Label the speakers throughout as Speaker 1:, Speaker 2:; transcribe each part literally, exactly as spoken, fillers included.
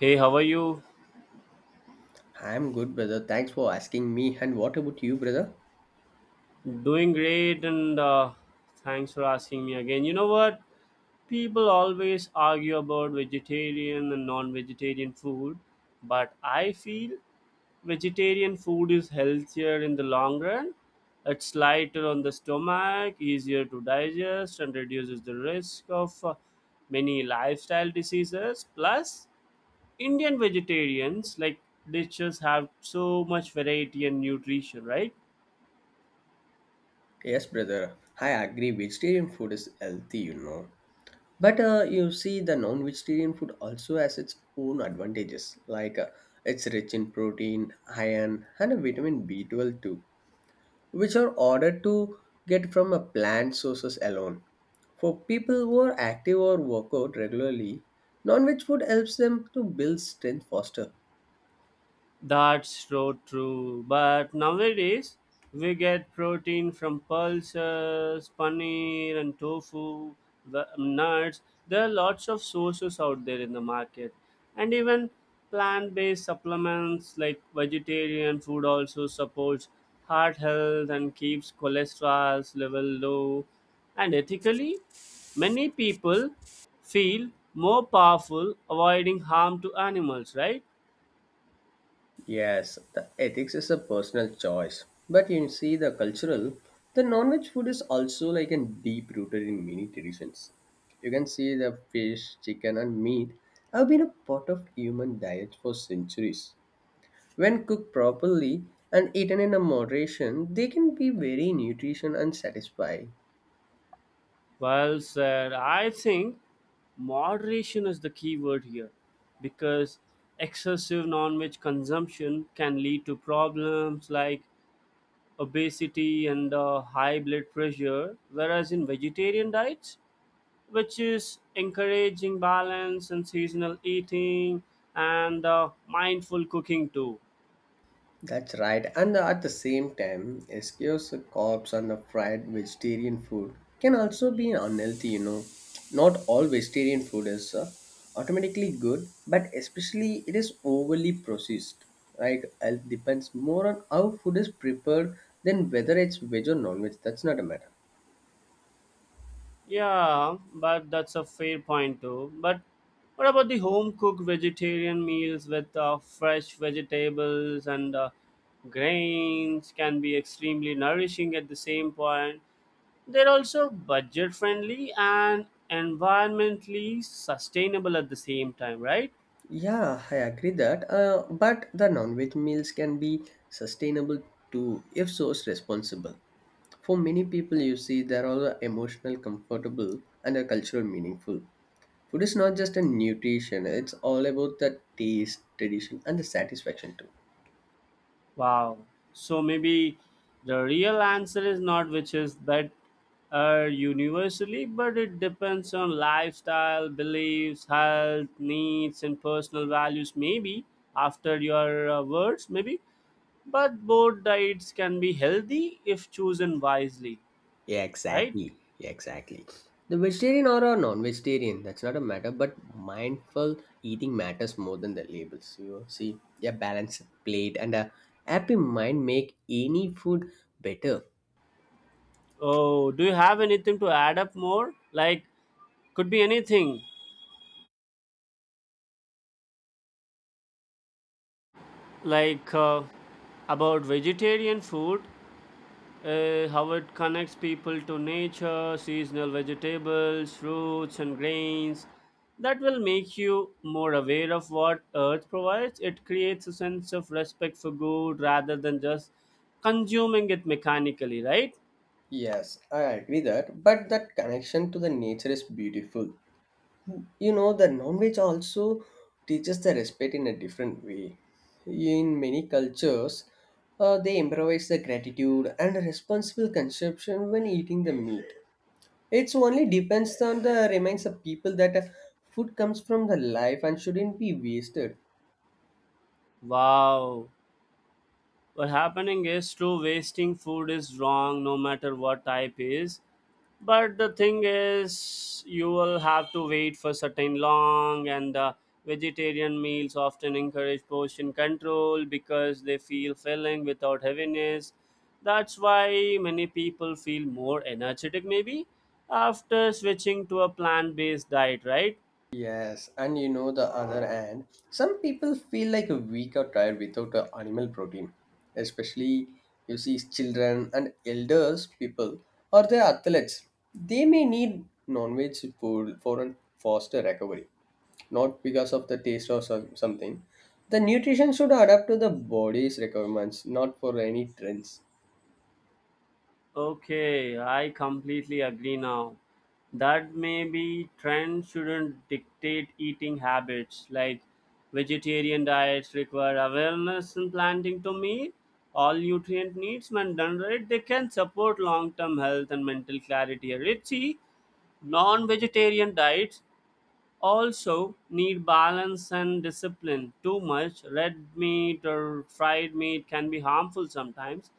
Speaker 1: Hey, how are you?
Speaker 2: I'm good, brother. Thanks for asking me. And what about you, brother?
Speaker 1: Doing great, and uh, thanks for asking me again. You know what? People always argue about vegetarian and non vegetarian food, but I feel vegetarian food is healthier in the long run. It's lighter on the stomach, easier to digest, and reduces the risk of uh, many lifestyle diseases. Plus, Indian vegetarians like dishes have so much variety and nutrition, right?
Speaker 2: Yes, brother. I agree. Vegetarian food is healthy, you know. But uh, you see, the non-vegetarian food also has its own advantages. Like uh, it's rich in protein, iron, and a vitamin B twelve too, which are ordered to get from a plant sources alone. For people who are active or work out regularly, non-veg food helps them to build strength faster.
Speaker 1: That's so true. But nowadays, we get protein from pulses, paneer, and tofu, the- nuts. There are lots of sources out there in the market. And even plant based supplements like vegetarian food also supports heart health and keeps cholesterol level low. And ethically, many people feel more powerful avoiding harm to animals, right?
Speaker 2: Yes, the ethics is a personal choice. But you see, the cultural, the non-veg food is also like a deep rooted in many traditions. You can see the fish, chicken, and meat have been a part of human diet for centuries. When cooked properly and eaten in a moderation, they can be very nutrition and satisfying.
Speaker 1: Well said. I think moderation is the key word here because excessive non veg consumption can lead to problems like obesity and uh, high blood pressure, whereas in vegetarian diets, which is encouraging balance and seasonal eating and uh, mindful cooking too.
Speaker 2: That's right, and at the same time, excuse carbs and the fried vegetarian food can also be unhealthy, you know. Not all vegetarian food is uh, automatically good, but especially it is overly processed, right? Health depends more on how food is prepared than whether it's veg or non-veg. That's not a matter.
Speaker 1: Yeah, but that's a fair point too. But what about the home cooked vegetarian meals with uh, fresh vegetables and uh, grains can be extremely nourishing at the same point. They're also budget friendly and environmentally sustainable at the same time, right?
Speaker 2: Yeah, I agree that. Uh, but the non-veg meals can be sustainable too if sourced responsible. For many people, you see, they are the emotional, comfortable, and a cultural meaningful. Food is not just a nutrition, it's all about the taste, tradition, and the satisfaction too.
Speaker 1: Wow. So maybe the real answer is not which is that uh, universally, but it depends on lifestyle, beliefs, health, needs, and personal values. Maybe after your uh, words, maybe. But both diets can be healthy if chosen wisely,
Speaker 2: Yeah,
Speaker 1: right?
Speaker 2: exactly. Yeah, exactly. The vegetarian or a non-vegetarian, that's not a matter, but mindful eating matters more than the labels. You see, a balanced plate and a happy mind make any food better.
Speaker 1: Oh, do you have anything to add up more? Like, could be anything, like uh, about vegetarian food. Uh, how it connects people to nature, seasonal vegetables, fruits, and grains. That will make you more aware of what Earth provides. It creates a sense of respect for good rather than just consuming it mechanically, right?
Speaker 2: Yes, I agree that, but that connection to the nature is beautiful. You know the non-veg also teaches the respect in a different way in many cultures. Uh, they improvise the gratitude and responsible consumption when eating the meat. It's only depends on the reminds the people that uh, food comes from the life and shouldn't be wasted.
Speaker 1: Wow. What happening is true, wasting food is wrong no matter what type is. But the thing is you will have to wait for certain long, and the vegetarian meals often encourage portion control because they feel filling without heaviness. That's why many people feel more energetic, maybe after switching to a plant-based diet, right?
Speaker 2: Yes, and you know the other hand, some people feel like a weak or tired without a animal protein. Especially you see children and elders people or their athletes. They may need non-veg food for a faster recovery, not because of the taste or some, something. The nutrition should adapt to the body's requirements, not for any trends.
Speaker 1: Okay, I completely agree now. That maybe trends shouldn't dictate eating habits. Like vegetarian diets require awareness and planning to meet all nutrient needs. When done right, they can support long-term health and mental clarity. Richie, non-vegetarian diets also need balance and discipline. Too much red meat or fried meat can be harmful sometimes,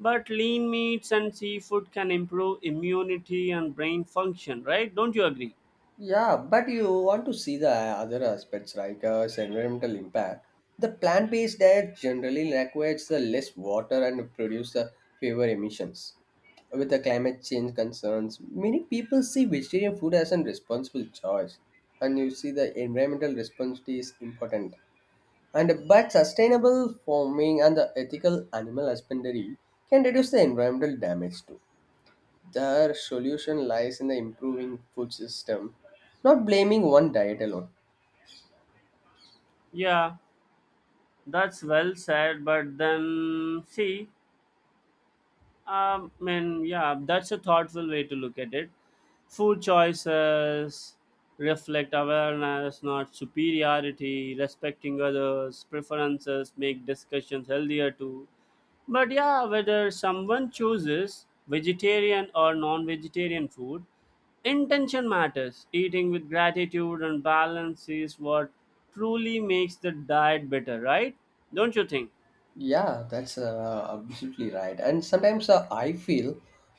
Speaker 1: but lean meats and seafood can improve immunity and brain function, right? Don't you agree?
Speaker 2: Yeah, but you want to see the other aspects, right? Uh, its environmental impact. The plant-based diet generally requires the less water and produce uh, fewer emissions. With the climate change concerns, many people see vegetarian food as a responsible choice, and you see the environmental responsibility is important. And but sustainable farming and the ethical animal husbandry can reduce the environmental damage too. Their solution lies in the improving food system, not blaming one diet alone.
Speaker 1: Yeah, that's well said, but then see, Um, and yeah, that's a thoughtful way to look at it. Food choices reflect awareness, not superiority. Respecting others' preferences make discussions healthier too. But yeah, whether someone chooses vegetarian or non-vegetarian food, intention matters. Eating with gratitude and balance is what truly makes the diet better, right? Don't you think?
Speaker 2: Yeah, that's uh, absolutely right. And sometimes uh, I feel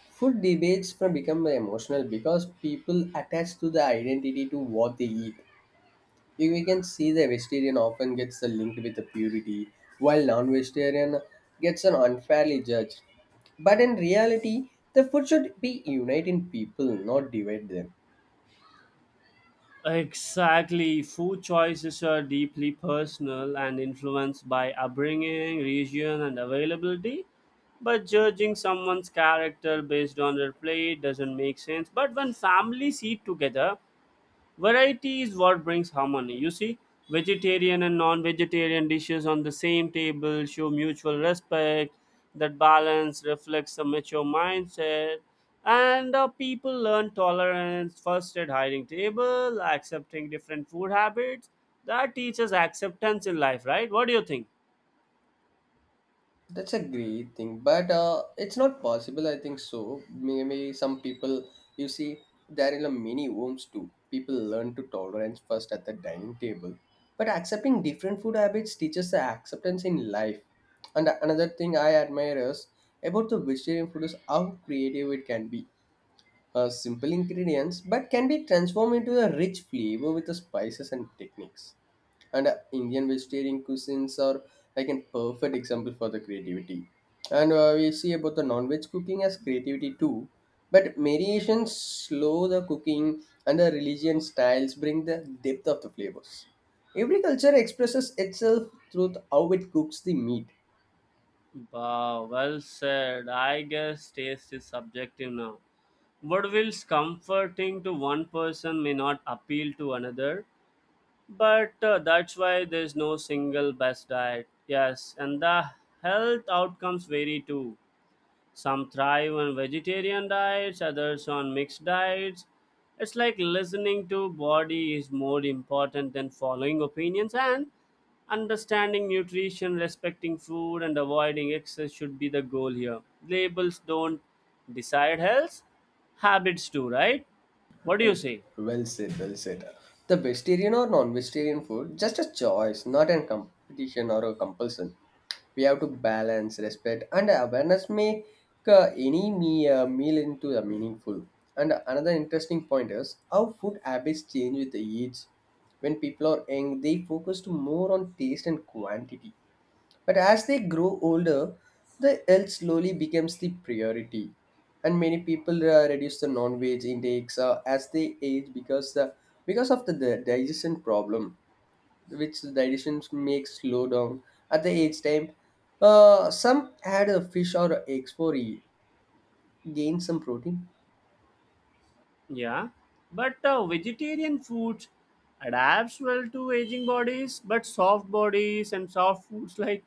Speaker 2: food debates from become emotional because people attach to the identity to what they eat. We we can see the vegetarian often gets the linked with the purity, while non-vegetarian gets an unfairly judged. But in reality, the food should be unite in people, not divide them.
Speaker 1: Exactly. Food choices are deeply personal and influenced by upbringing, region, and availability. But judging someone's character based on their plate doesn't make sense. But when families eat together, variety is what brings harmony. You see, vegetarian and non vegetarian dishes on the same table show mutual respect. That balance reflects a mature mindset. And uh, people learn tolerance first at hiring table, accepting different food habits. That teaches acceptance in life, right? What do you think?
Speaker 2: That's a great thing, but uh, it's not possible. I think so. Maybe some people, you see, there in a many homes too. People learn to tolerance first at the dining table, but accepting different food habits teaches the acceptance in life. And another thing I admire is about the vegetarian food is how creative it can be. Uh, simple ingredients, but can be transformed into a rich flavor with the spices and techniques, and uh, Indian vegetarian cuisines are like a perfect example for the creativity. And uh, we see about the non-veg cooking as creativity too, but variations slow the cooking and the religion styles bring the depth of the flavors. Every culture expresses itself through th- how it cooks the meat.
Speaker 1: Wow, well said. I guess taste is subjective now. What feels comforting to one person may not appeal to another. But uh, that's why there's no single best diet. Yes, and the health outcomes vary too. Some thrive on vegetarian diets, others on mixed diets. It's like listening to body is more important than following opinions and understanding nutrition, respecting food and avoiding excess should be the goal here. Labels don't decide health, habits do, right? What do you say?
Speaker 2: Well said, well said. The vegetarian or non-vegetarian food just a choice, not a competition or a compulsion. We have to balance respect and awareness make uh, any me, uh, meal into a meaningful. And another interesting point is how food habits change with the age. When people are young they focus to more on taste and quantity, but as they grow older the health slowly becomes the priority, and many people uh, reduce the non-veg intakes uh, as they age because the because of the, the digestion problem which the digestions makes slow down at the age time. Uh, some add a fish or eggs for e- gain some protein.
Speaker 1: Yeah, but uh, vegetarian foods adapts well to aging bodies, but soft bodies and soft foods like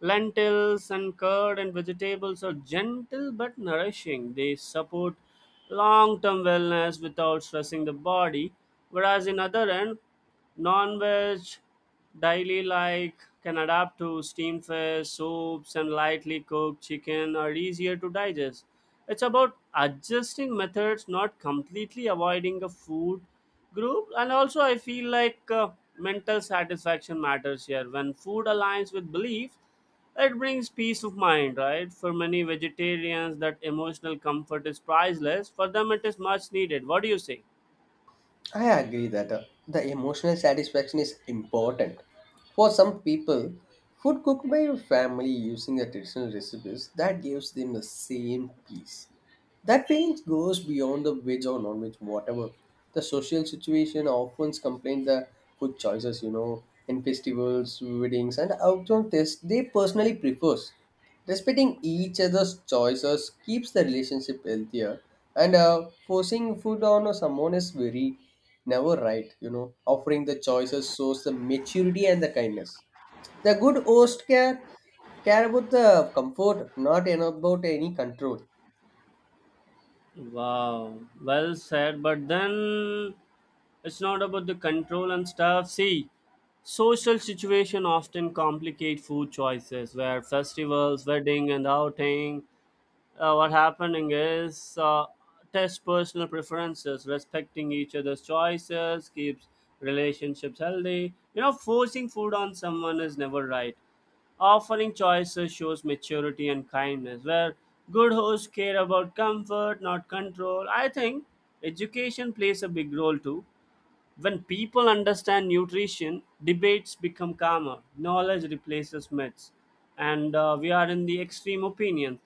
Speaker 1: lentils and curd and vegetables are gentle but nourishing. They support long term wellness without stressing the body. Whereas in other end, non veg daily like can adapt to steam fish, soups, and lightly cooked chicken are easier to digest. It's about adjusting methods, not completely avoiding a food group. And also, I feel like uh, mental satisfaction matters here. When food aligns with beliefs, it brings peace of mind, right? For many vegetarians, that emotional comfort is priceless. For them, it is much needed. What do you say?
Speaker 2: I agree that uh, the emotional satisfaction is important. For some people, food cooked by your family using the traditional recipes that gives them the same peace. That feeling goes beyond the veg or non-veg, whatever. The social situation often complain the food choices, you know, in festivals, weddings, and outdoor tests they personally prefers. Respecting each other's choices keeps the relationship healthier, and uh, forcing food on someone is very never right. You know, offering the choices shows the maturity and the kindness. The good host care care about the comfort, not about any control.
Speaker 1: Wow, well said. But then it's not about the control and stuff. See, social situation often complicate food choices where festivals, wedding and outing, uh, what happening is, uh, test personal preferences, respecting each other's choices keeps relationships healthy, you know forcing food on someone is never right, offering choices shows maturity and kindness where good hosts care about comfort not control. I think education plays a big role too. When people understand nutrition, debates become calmer, knowledge replaces myths, and uh, we are in the extreme opinion.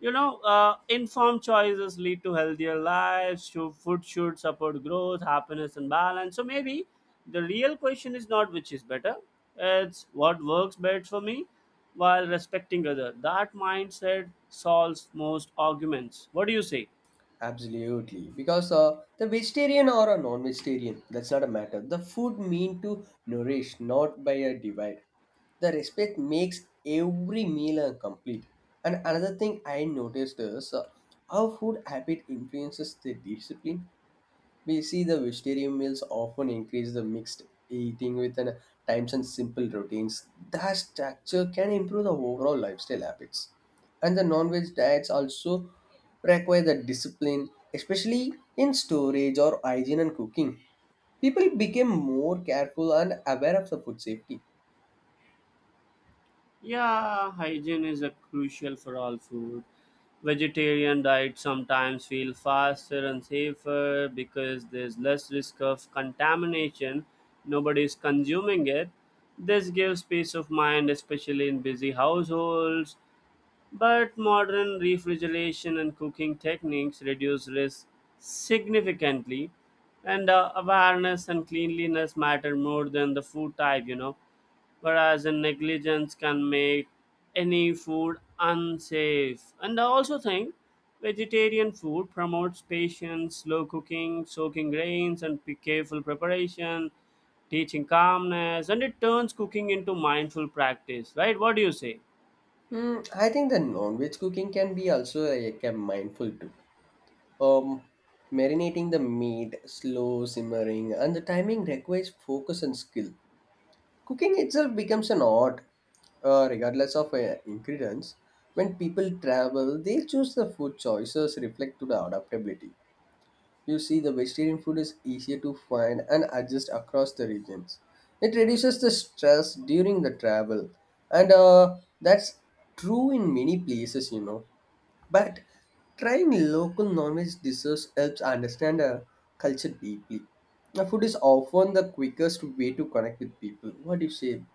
Speaker 1: You know, uh, informed choices lead to healthier lives, sho- food should support growth, happiness, and balance. So maybe the real question is not which is better, it's what works best for me while respecting other. That mindset solves most arguments. What do you say?
Speaker 2: Absolutely, because uh, the vegetarian or a non-vegetarian, that's not a matter. The food mean to nourish, not by a divide. The respect makes every meal uh, complete. And another thing I noticed is uh, how food habit influences the discipline. We see the vegetarian meals often increase the mixed eating with an times and simple routines. That structure can improve the overall lifestyle habits. And the non-veg diets also require the discipline, especially in storage or hygiene and cooking. People became more careful and aware of the food safety.
Speaker 1: Yeah, hygiene is a crucial for all food. Vegetarian diets sometimes feel faster and safer because there's less risk of contamination. Nobody's consuming it. This gives peace of mind, especially in busy households. But modern refrigeration and cooking techniques reduce risk significantly, and uh, awareness and cleanliness matter more than the food type, you know. Whereas in negligence can make any food unsafe. And I also think vegetarian food promotes patience, slow cooking, soaking grains, and p- careful preparation, teaching calmness, and it turns cooking into mindful practice, right? What do you say?
Speaker 2: Hmm, I think the non-veg cooking can be also like a mindful too. Um, Marinating the meat, slow simmering, and the timing requires focus and skill. Cooking itself becomes an art, uh, regardless of uh, ingredients. When people travel, they choose the food choices reflect to the adaptability. You see, the vegetarian food is easier to find and adjust across the regions. It reduces the stress during the travel, and uh, that's true in many places, you know. But trying local non-veg dishes helps understand a culture deeply. Now, food is often the quickest way to connect with people. What do you say?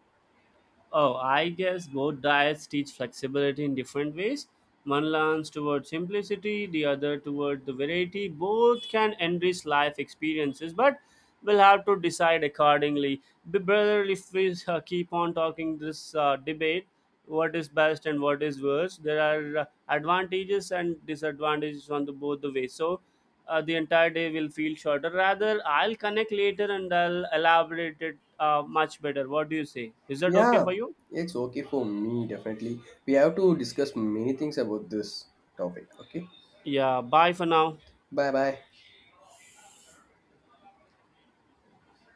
Speaker 1: Oh, I guess both diets teach flexibility in different ways. One leans toward simplicity, the other toward the variety. Both can enrich life experiences, but we'll have to decide accordingly. Be brother, if we uh, keep on talking this uh, debate, what is best and what is worst, there are uh, advantages and disadvantages on the both the ways. So uh, the entire day will feel shorter. Rather, I'll connect later and I'll elaborate it uh, much better. What do you say? Is that okay for
Speaker 2: Yeah,
Speaker 1: you?
Speaker 2: it's okay for me, definitely. We have to discuss many things about this topic. Okay,
Speaker 1: Yeah, bye for now.
Speaker 2: bye bye.